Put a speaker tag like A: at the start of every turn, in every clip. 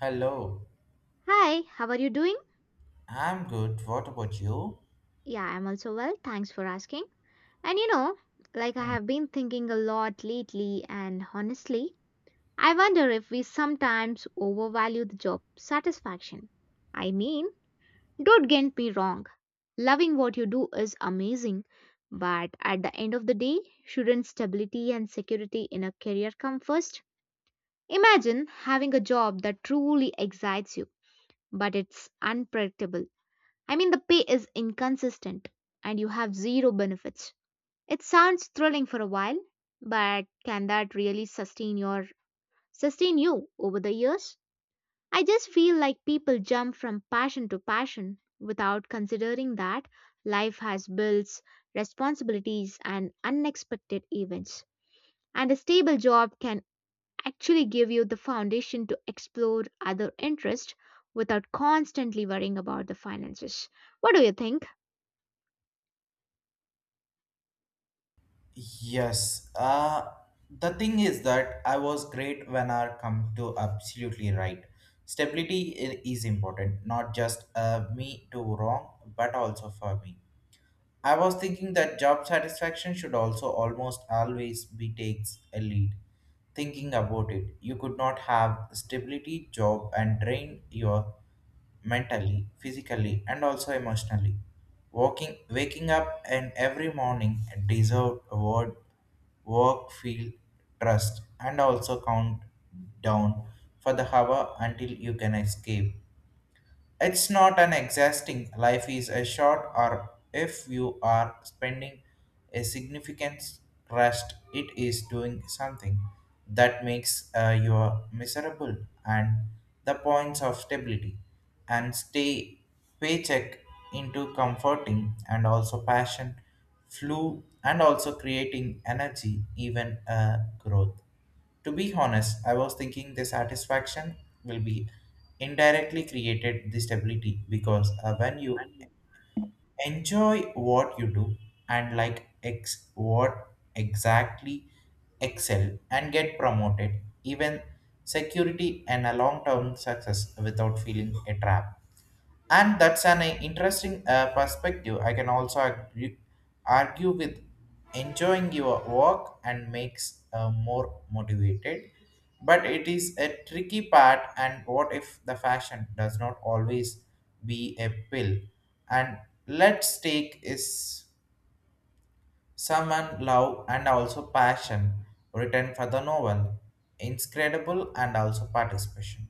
A: Hello,
B: Hi, how are you doing?
A: I'm good. What about you?
B: Yeah, I'm also well. Thanks for asking. And you know, like I
A: Hmm.
B: have been thinking a lot lately, and honestly, I wonder if we sometimes overvalue the job satisfaction. I mean, don't get me wrong. Loving what you do is amazing, but at the end of the day, shouldn't stability and security in a career come first? Imagine having a job that truly excites you, but it's unpredictable. I mean, the pay is inconsistent and you have zero benefits. It sounds thrilling for a while, but can that really sustain you over the years? I just feel like people jump from passion to passion without considering that life has bills, responsibilities and unexpected events. And a stable job can actually give you the foundation to explore other interests without constantly worrying about the finances. What do you think?
A: Yes, uh, the thing is that I was great when I come to absolutely right. Stability is important, not just me to wrong, but also for me. I was thinking that job satisfaction should also almost always be takes a lead. Thinking about it, you could not have stability, job, and drain your mentally, physically, and also emotionally. Walking, waking up, and every morning deserve word, work, feel, trust, and also count down for the hour until you can escape. It's not an exhausting life is a short or if you are spending a significant rest it is doing something that makes you miserable and the points of stability and stay paycheck into comforting and also passion flew and also creating energy even growth. To be honest, I was thinking the satisfaction will be indirectly created the stability because when you enjoy what you do and like ex what exactly excel and get promoted, even security and a long term success without feeling a trap. And that's an interesting perspective. I can also argue with enjoying your work and makes more motivated, but it is a tricky part. And what if the fashion does not always be a pill and let's take is someone love and also passion written for the novel, inscredible and also participation.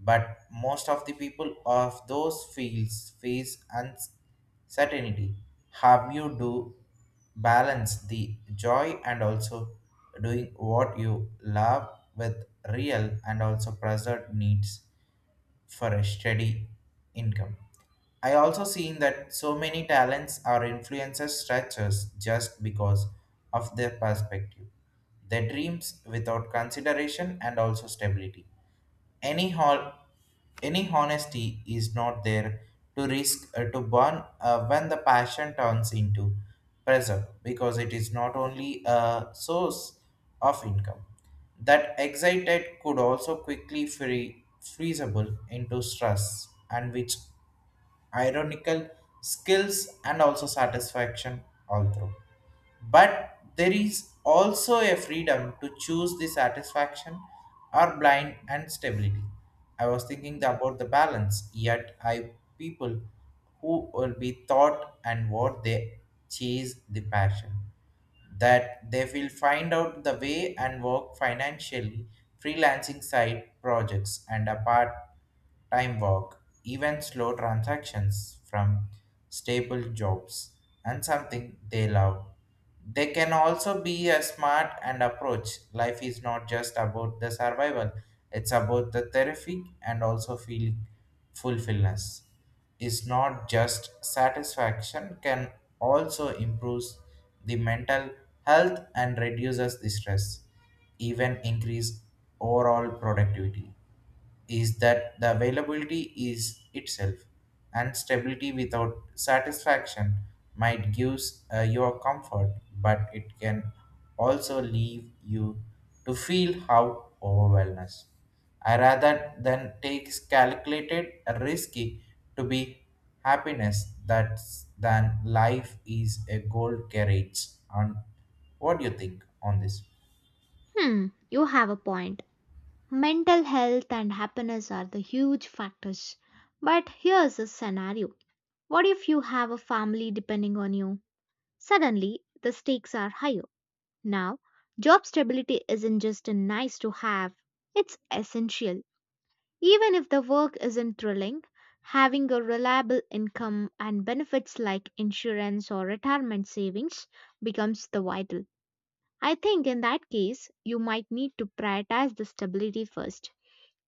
A: But most of the people of those fields face uncertainty. How you do balance the joy and also doing what you love with real and also present needs for a steady income. I also seen that so many talents or influencers stretches just because of their perspective, their dreams without consideration and also stability any hol any honesty is not there to risk to burn when the passion turns into pressure because it is not only a source of income that excited could also quickly freezable into stress and which ironical skills and also satisfaction all through. But there is also a freedom to choose the satisfaction or blind and stability. I was thinking about the balance, yet I people who will be thought and what they chase the passion that they will find out the way and work financially, freelancing side projects and a part-time work, even slow transactions from stable jobs and something they love. They can also be a smart and approach. Life is not just about the survival, it's about the therapy and also feeling fulfillment is not just satisfaction can also improves the mental health and reduces the stress even increase overall productivity is that the availability is itself and stability without satisfaction might give your comfort but it can also leave you to feel how overwhelmed I rather than takes calculated risky to be happiness that's than life is a gold carriage. And what do you think on this?
B: Hmm, you have a point. Mental health and happiness are the huge factors. But here's a scenario. What if you have a family depending on you? Suddenly, the stakes are higher. Now, job stability isn't just a nice to have, it's essential. Even if the work isn't thrilling, having a reliable income and benefits like insurance or retirement savings becomes the vital. I think in that case, you might need to prioritize the stability first,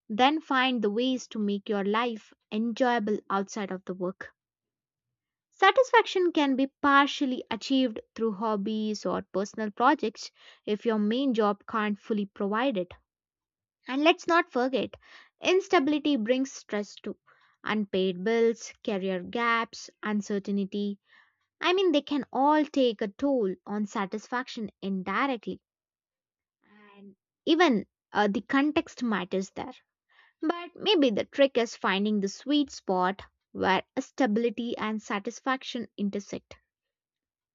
B: then find the ways to make your life enjoyable outside of the work. Satisfaction can be partially achieved through hobbies or personal projects if your main job can't fully provide it. And let's not forget, instability brings stress too. Unpaid bills, career gaps, uncertainty. I mean, they can all take a toll on satisfaction indirectly. And even the context matters there. But maybe the trick is finding the sweet spot where stability and satisfaction intersect.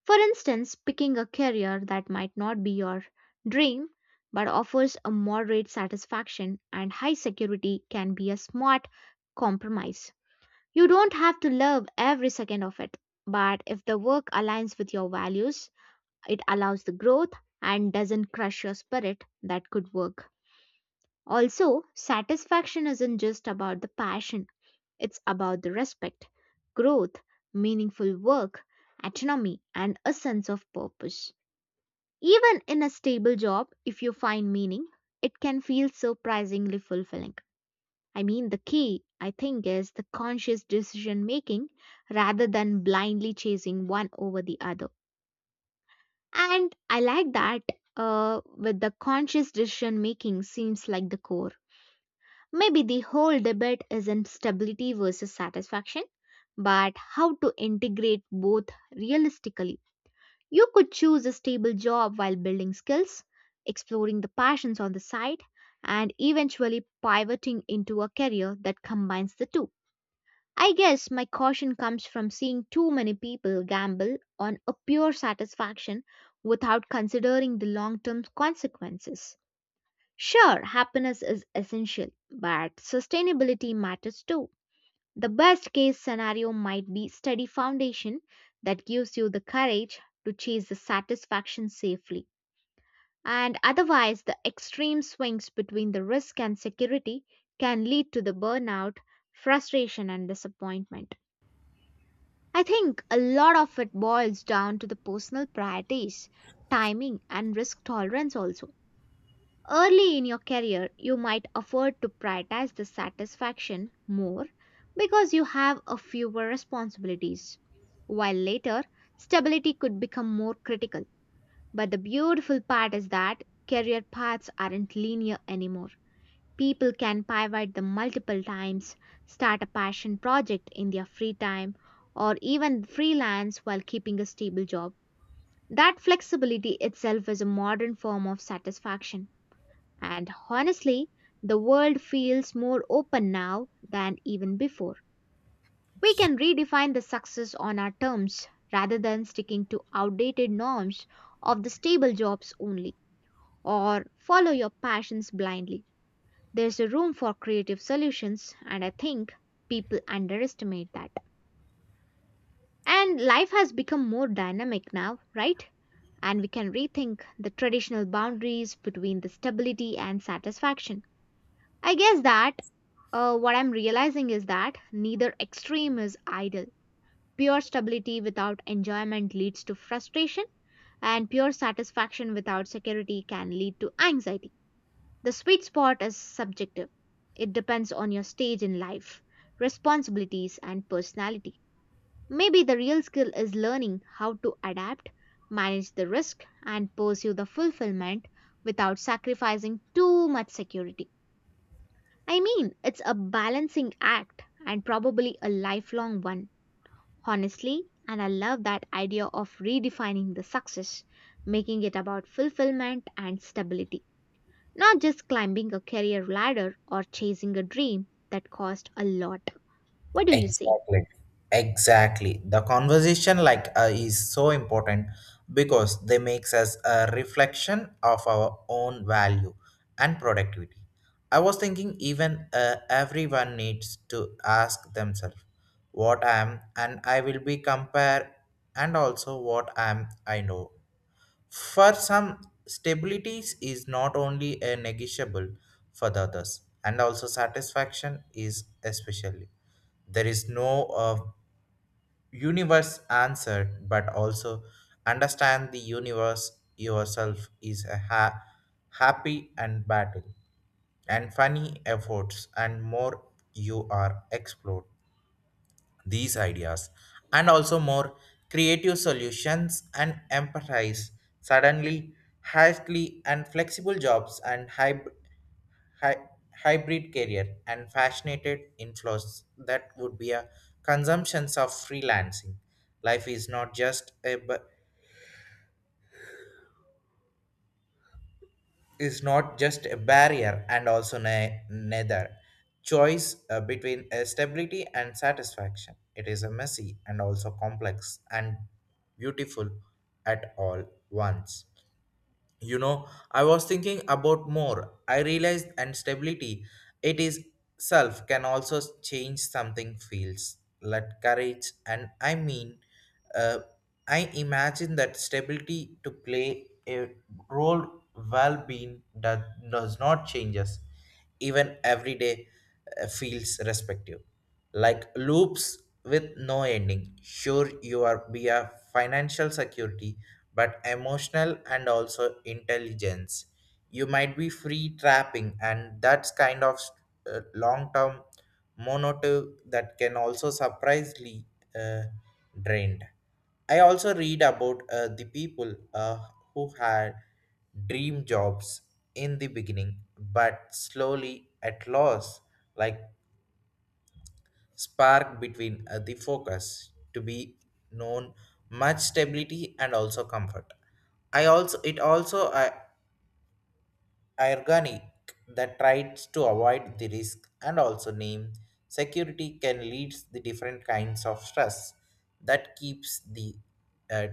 B: For instance, picking a career that might not be your dream but offers a moderate satisfaction and high security can be a smart compromise. You don't have to love every second of it, but if the work aligns with your values, it allows the growth and doesn't crush your spirit, that could work. Also, satisfaction isn't just about the passion, it's about the respect, growth, meaningful work, autonomy, and a sense of purpose. Even in a stable job, if you find meaning, it can feel surprisingly fulfilling. I mean, the key, I think, is the conscious decision making rather than blindly chasing one over the other. And I like that with the conscious decision making seems like the core. Maybe the whole debate isn't stability versus satisfaction, but how to integrate both realistically. You could choose a stable job while building skills, exploring the passions on the side, and eventually pivoting into a career that combines the two. I guess my caution comes from seeing too many people gamble on a pure satisfaction without considering the long term consequences. Sure, happiness is essential, but sustainability matters too. The best case scenario might be steady foundation that gives you the courage to chase the satisfaction safely. And otherwise, the extreme swings between the risk and security can lead to the burnout, frustration, and disappointment. I think a lot of it boils down to the personal priorities, timing, and risk tolerance also. Early in your career, you might afford to prioritize the satisfaction more because you have a fewer responsibilities. While later, stability could become more critical. But the beautiful part is that career paths aren't linear anymore. People can pivot the multiple times, start a passion project in their free time, or even freelance while keeping a stable job. That flexibility itself is a modern form of satisfaction. And honestly, the world feels more open now than even before. We can redefine the success on our terms rather than sticking to outdated norms of the stable jobs only or follow your passions blindly. There's a room for creative solutions, and I think people underestimate that. And life has become more dynamic now, right? And we can rethink the traditional boundaries between the stability and satisfaction. I guess that what I'm realizing is that neither extreme is ideal. Pure stability without enjoyment leads to frustration, and pure satisfaction without security can lead to anxiety. The sweet spot is subjective, it depends on your stage in life, responsibilities, and personality. Maybe the real skill is learning how to adapt, manage the risk, and pursue the fulfillment without sacrificing too much security. I mean, it's a balancing act and probably a lifelong one, honestly. And I love that idea of redefining the success, making it about fulfillment and stability, not just climbing a career ladder or chasing a dream that cost a lot. What do you say?
A: Exactly. Exactly. The conversation is so important because they makes us a reflection of our own value and productivity. I was thinking even everyone needs to ask themselves what I am and I will be compare and also what I am I know. For some, stability is not only a negotiable for the others, and also satisfaction is especially. There is no universe answer, but also understand the universe yourself is a happy and battle and funny efforts and more you are explored these ideas and also more creative solutions and empathize suddenly hastily and flexible jobs and hybrid career and fascinated inflows that would be a consumptions of freelancing. Life is not just a is not just a barrier and also neither choice between stability and satisfaction. It is a messy and also complex and beautiful at all once. You know, I was thinking about more I realized and stability it is self can also change something feels let courage. And uh, I imagine that stability to play a role well being that does not change us even every day feels respective like loops with no ending. Sure you are be a financial security but emotional and also intelligence you might be free trapping and that's kind of long-term monotive that can also surprisingly uh, drained. I also read about the people who had dream jobs in the beginning but slowly at loss like spark between the focus to be known much stability and also comfort. I also it also I, ironic that tries to avoid the risk and also name security can lead the different kinds of stress that keeps the uh,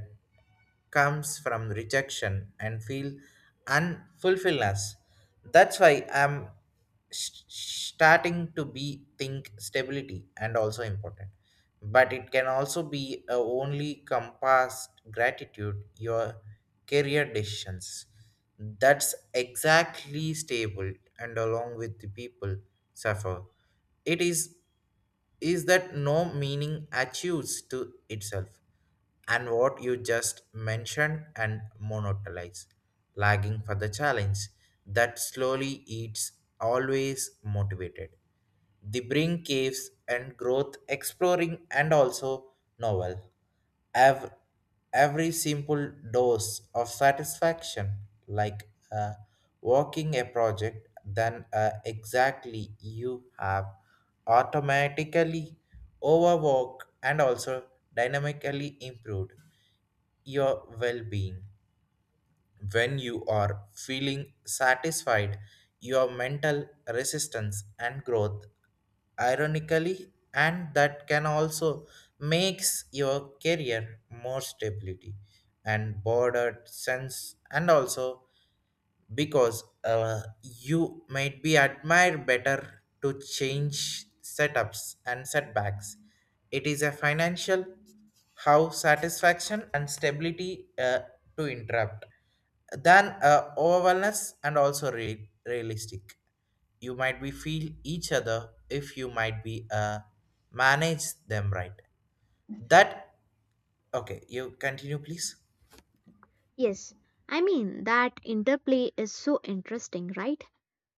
A: comes from rejection and feel unfulfilledness. That's why I'm starting to be think stability and also important but it can also be only compass gratitude your career decisions that's exactly stable and along with the people suffer it is that no meaning achieves to itself and what you just mentioned and monotonize lagging for the challenge that slowly eats always motivated the bring caves and growth exploring and also novel. Ev- every simple dose of satisfaction, like uh, working a project, then exactly you have automatically overworked and also dynamically improved your well-being. When you are feeling satisfied, your mental resistance and growth ironically and that can also makes your career more stability and bordered sense and also because you might be admired better to change setups and setbacks. It is a financial how satisfaction and stability to interrupt than overwhelmness and also realistic. You might be feel each other if you might be manage them right. That okay. You continue, please.
B: Yes, I mean, that interplay is so interesting, right?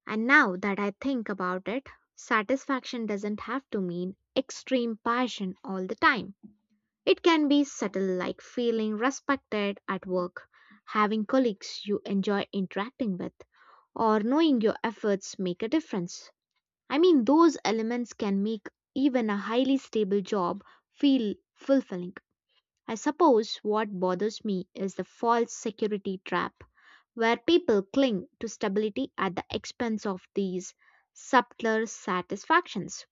B: And now that I think about it, satisfaction doesn't have to mean extreme passion all the time. It can be subtle, like feeling respected at work, having colleagues you enjoy interacting with, or knowing your efforts make a difference. I mean, those elements can make even a highly stable job feel fulfilling. I suppose what bothers me is the false security trap, where people cling to stability at the expense of these subtler satisfactions.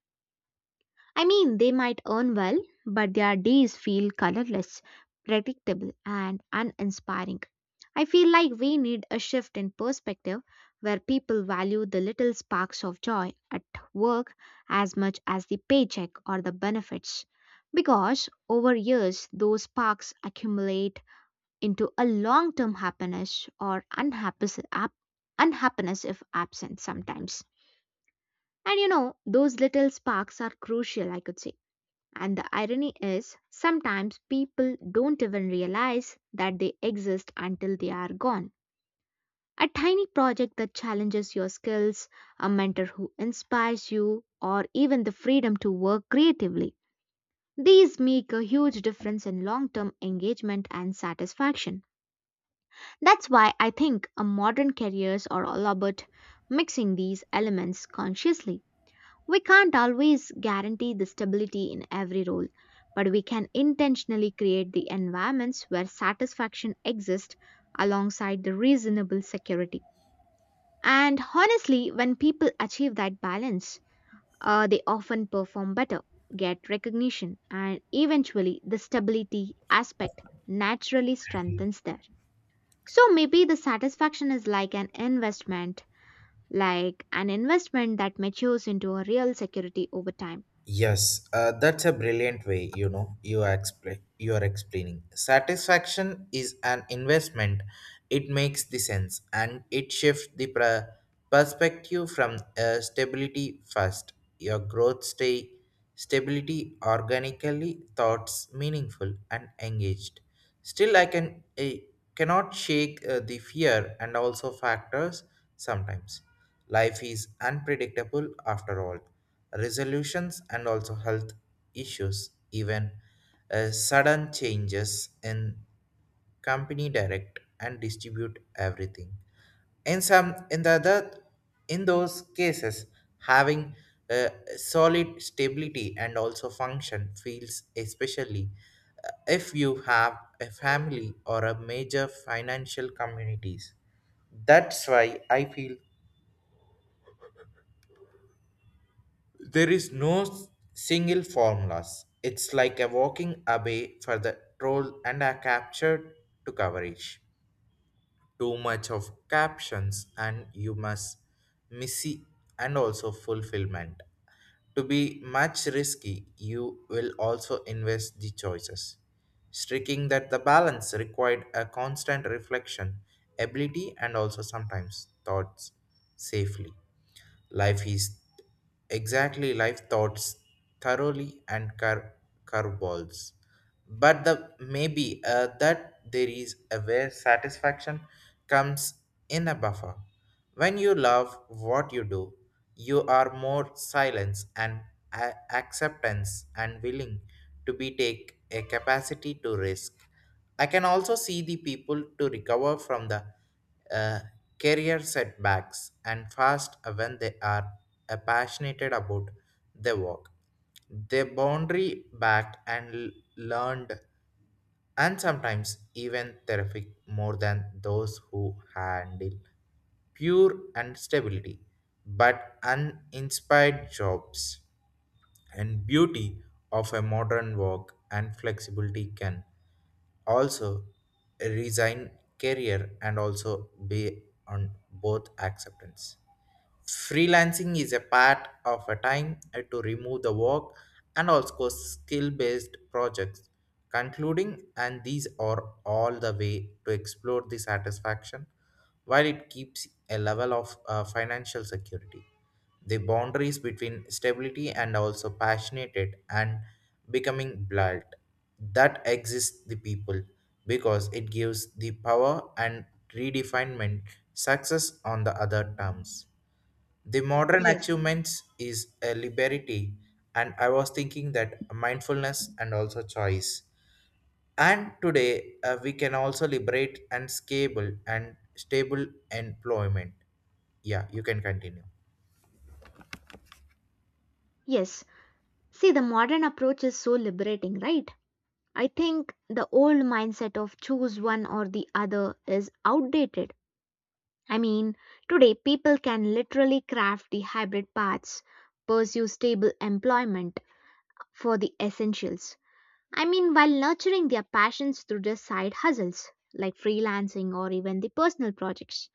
B: I mean, they might earn well, but their days feel colorless, predictable, and uninspiring. I feel like we need a shift in perspective where people value the little sparks of joy at work as much as the paycheck or the benefits. Because over years, those sparks accumulate into a long term happiness or unhappiness, unhappiness if absent sometimes. And you know, those little sparks are crucial, I could say and the irony is, sometimes people don't even realize that they exist until they are gone. A tiny project that challenges your skills, a mentor who inspires you, or even the freedom to work creatively. These make a huge difference in long term engagement and satisfaction. That's why I think a modern careers are all about mixing these elements consciously. We can't always guarantee the stability in every role, but we can intentionally create the environments where satisfaction exists alongside the reasonable security. And honestly, when people achieve that balance, they often perform better, get recognition, and eventually the stability aspect naturally strengthens there. So maybe the satisfaction is like an investment that matures into a real security over time.
A: Yes, that's a brilliant way, you know, you are explaining. Satisfaction is an investment. It makes the sense and it shifts the perspective from stability first. Your growth stay stability organically thoughts meaningful and engaged. Still I cannot shake the fear and also factors sometimes. Life is unpredictable after all. Resolutions and also health issues, even sudden changes in company direct and distribute everything. In some, in the other, In those cases, having a solid stability and also function feels especially if you have a family or a major financial communities. That's why I feel there is no single formulas. It's like a walking away for the troll and a capture to coverage too much of captions and you must missy and also fulfillment to be much risky you will also invest the choices striking that the balance required a constant reflection ability and also sometimes thoughts safely. Life is exactly life thoughts thoroughly and curveballs. But the maybe that there is a very satisfaction comes in a buffer. When you love what you do, you are more silence and acceptance and willing to be take a capacity to risk. I can also see the people to recover from the uh, career setbacks and fast when they are passionate about their work. They boundary backed and learned and sometimes even terrific more than those who handle pure and stability but uninspired jobs and beauty of a modern work and flexibility can also resign career and also be on both acceptance freelancing is a part of a time to remove the work and also skill based projects concluding and these are all the way to explore the satisfaction while it keeps a level of financial security. The boundaries between stability and also passionate and becoming blurred that exists the people because it gives the power and redefinement success on the other terms. The modern
B: Yes,
A: achievements is a liberty, and I was thinking that mindfulness and also choice. And today we can also liberate and scalable and stable employment. Yeah, you can continue.
B: yes, see, the modern approach is so liberating, right? I think the old mindset of choose one or the other is outdated. I mean, today people can literally craft the hybrid paths, pursue stable employment for the essentials. I mean, while nurturing their passions through their side hustles like freelancing or even the personal projects.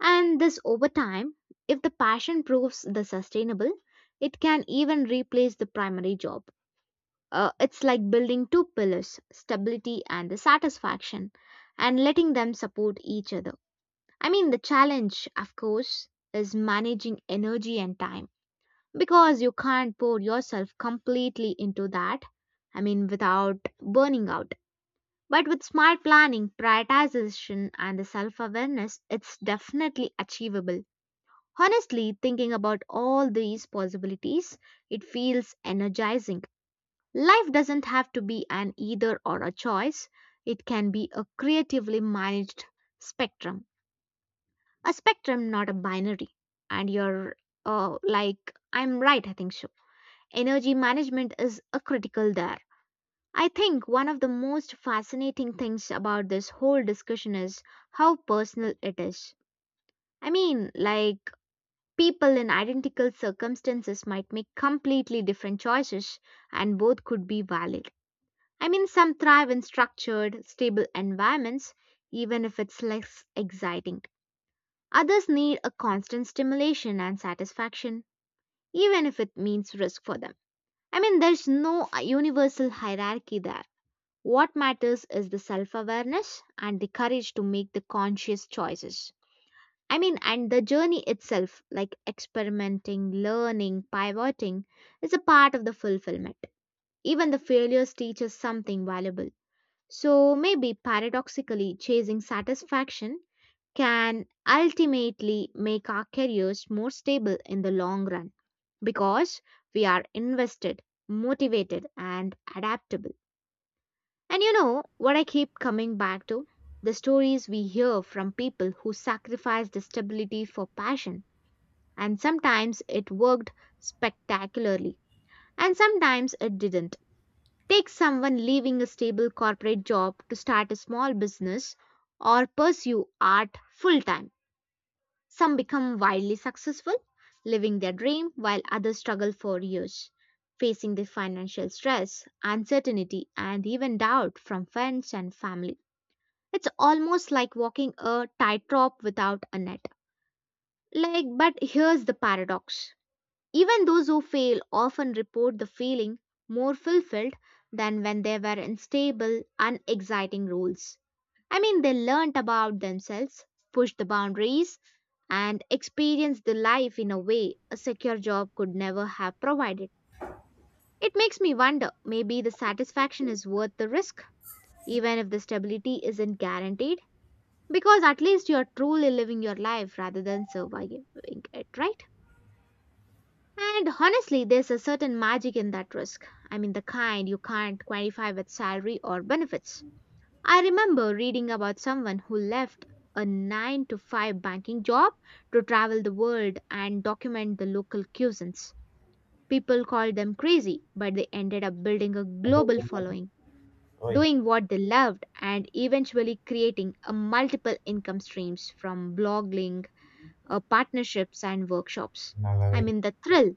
B: And this over time, if the passion proves the sustainable, it can even replace the primary job. It's like building two pillars, stability and the satisfaction, and letting them support each other. I mean, the challenge, of course, is managing energy and time because you can't pour yourself completely into that. I mean, without burning out. But with smart planning, prioritization, and the self awareness, it's definitely achievable. Honestly, thinking about all these possibilities, it feels energizing. Life doesn't have to be an either or a choice, it can be a creatively managed spectrum, a spectrum, not a binary. And you're like, I'm right, I think so. Energy management is a critical there. I think one of the most fascinating things about this whole discussion is how personal it is. I mean, like, people in identical circumstances might make completely different choices, and both could be valid. I mean, some thrive in structured, stable environments, even if it's less exciting. Others need a constant stimulation and satisfaction, even if it means risk for them. I mean, there's no universal hierarchy there. What matters is the self awareness and the courage to make the conscious choices. I mean, and the journey itself, like experimenting, learning, pivoting, is a part of the fulfillment. Even the failures teach us something valuable. So maybe paradoxically, chasing satisfaction can ultimately make our careers more stable in the long run because we are invested, motivated, and adaptable. And you know what I keep coming back to? The stories we hear from people who sacrificed the stability for passion, and sometimes it worked spectacularly, and sometimes it didn't. Take someone leaving a stable corporate job to start a small business or pursue art full time. Some become wildly successful, living their dream while others struggle for years, facing the financial stress, uncertainty, and even doubt from friends and family. It's almost like walking a tightrope without a net. Like, but here's the paradox even those who fail often report the feeling more fulfilled than when they were in stable, unexciting roles. I mean, they learnt about themselves, pushed the boundaries, and experienced the life in a way a secure job could never have provided. It makes me wonder maybe the satisfaction is worth the risk, even if the stability isn't guaranteed, because at least you're truly living your life rather than surviving it, right? And honestly, there's a certain magic in that risk. I mean, the kind you can't quantify with salary or benefits. I remember reading about someone who left a 9 to 5 banking job to travel the world and document the local cuisines. People called them crazy, but they ended up building a global following,
A: Hoy,
B: doing what they loved, and eventually creating a multiple income streams from blogging, partnerships, and workshops.
A: nada,
B: I mean, the thrill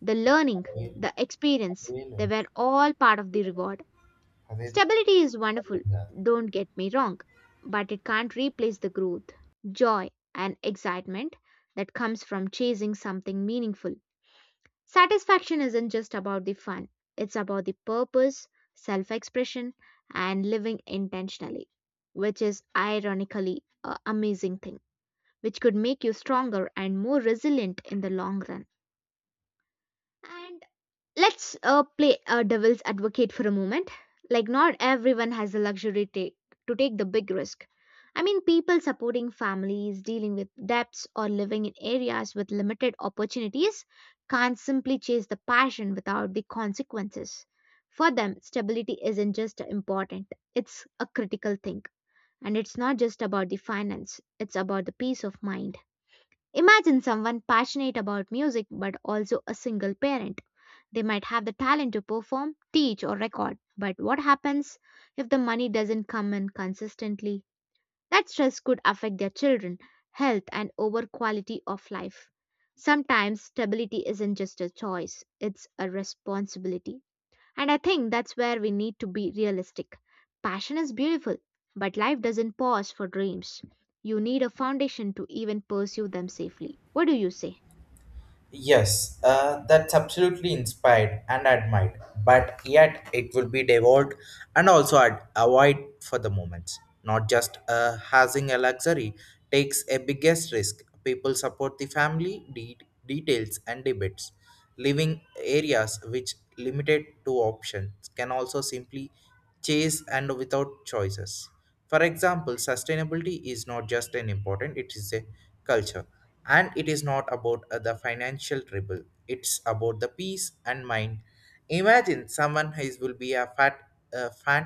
B: the learning,
A: ve-
B: the experience,
A: velo,
B: they were all part of the reward.
A: అదేదో
B: Stability is
A: అర్థం
B: wonderful,
A: కాదు.
B: don't get me wrong, but it can't replace the growth, joy, and excitement that comes from chasing something meaningful. Satisfaction isn't just about the fun, it's about the purpose, self expression, and living intentionally, which is ironically an amazing thing, which could make you stronger and more resilient in the long run. And let's play a devil's advocate for a moment. Like, not everyone has the luxury to take the big risk. I mean, people supporting families, dealing with debts, or living in areas with limited opportunities can't simply chase the passion without the consequences. For them, stability isn't just important, it's a critical thing. And it's not just about the finance, it's about the peace of mind. Imagine someone passionate about music but also a single parent they might have the talent to perform, teach, or record. But what happens if the money doesn't come in consistently? That stress could affect their children, health, and over quality of life. Sometimes stability isn't just a choice, it's a responsibility. And I think that's where we need to be realistic. Passion is beautiful, but life doesn't pause for dreams. You need a foundation to even pursue them safely. What do you say?
A: Yes, that's absolutely inspired and admired, but yet it will be devolved and also avoid for the moments. Not just having a luxury takes a biggest risk. People support the family details and debates. Living areas which limited to options can also simply chase and without choices. For example, sustainability is not just an important, it is a culture. And it is not about the financial trouble. It's about the peace and mind. Imagine someone who will be a fan,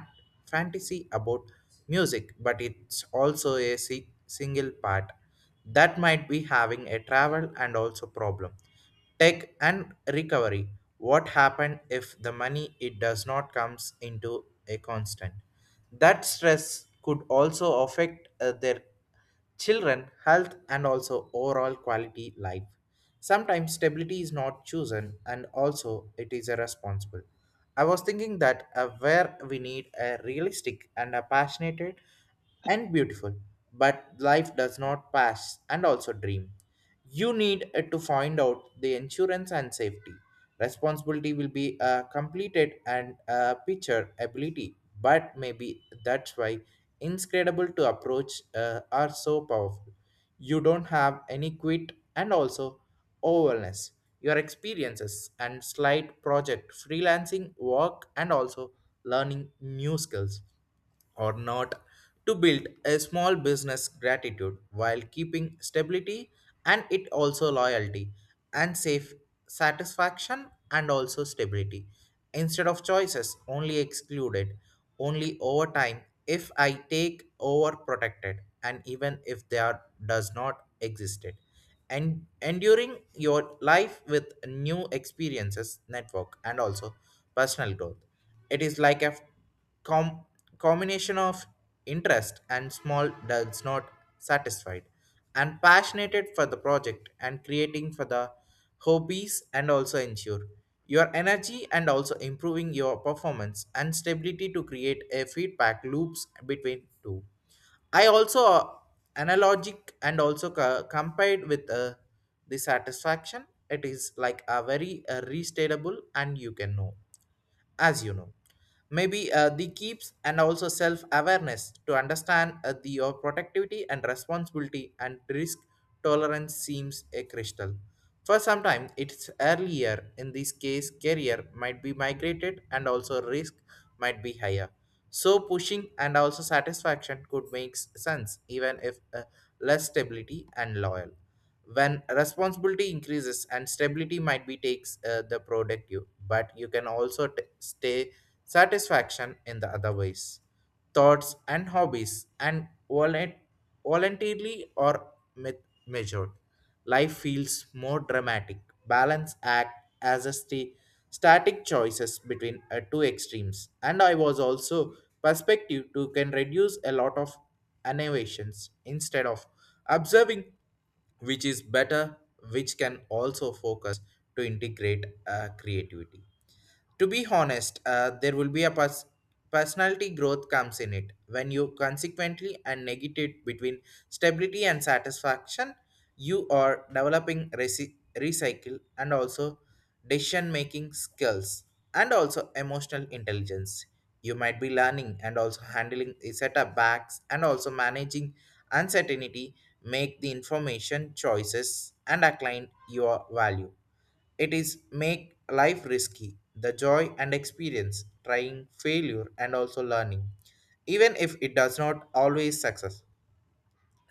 A: fantasy about music, but it's also a single part that might be having a travel and also problem tech and recovery. What happened if the money it does not comes into a constant that stress could also affect their children health and also overall quality life. Sometimes stability is not chosen and also it is irresponsible. I was thinking that where we need a realistic and a passionate and beautiful but life does not pass and also dream. You need to find out the insurance and safety. Responsibility will be completed and picture ability, but maybe that's why incredible to approach are so powerful. You don't have any quit and also overwhelmness. Your experiences and slight project freelancing work and also learning new skills or not to build a small business gratitude while keeping stability and it also loyalty and safe satisfaction and also stability instead of choices only excluded only over time if I take over protected and even if they are does not existed and enduring your life with new experiences network and also personal growth. It is like a com- combination of interest and small does not satisfied and passionate for the project and creating for the hobbies and also ensure your energy and also improving your performance and stability to create a feedback loops between two. I also analogic and also compared with the satisfaction. It is like a very restatable and you can know as you know maybe the keeps and also self awareness to understand the your productivity and responsibility and risk tolerance seems a crystal. For some time it's earlier in this case career might be migrated and also risk might be higher, so pushing and also satisfaction could make sense even if less stability and loyal. When responsibility increases and stability might be takes the productive but you can also stay satisfaction in the other ways, thoughts and hobbies and voluntarily or measured. Life feels more dramatic balance act as a static choices between two extremes. And I was also perspective to can reduce a lot of innovations instead of observing which is better which can also focus to integrate creativity. To be honest there will be a personality growth comes in it when you consequently and negate between stability and satisfaction. You are developing recycle and also decision making skills and also emotional intelligence. You might be learning and also handling setbacks and also managing uncertainty make the information choices and align your value. It is make life risky, the joy and experience, trying, failure, and also learning. Even if it does not always success,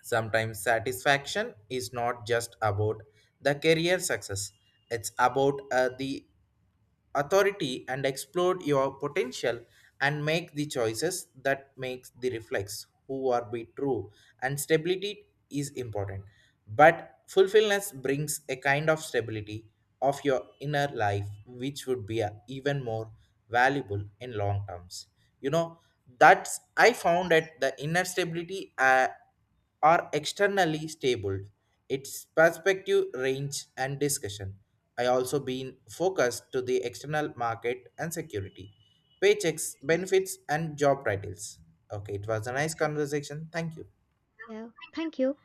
A: sometimes satisfaction is not just about the career success. It's about the authority and explore your potential and make the choices that makes the reflex who are be true. And stability is important but fulfillment brings a kind of stability of your inner life which would be a, even more valuable in long terms. You know, that's I found that the inner stability are externally stable its perspective range and discussion. I also been focused to the external market and security, paychecks,
B: Yes,
A: benefits, and job titles. Okay, it was a nice
B: yes.
A: conversation. Thank you.
B: Yeah. Thank you.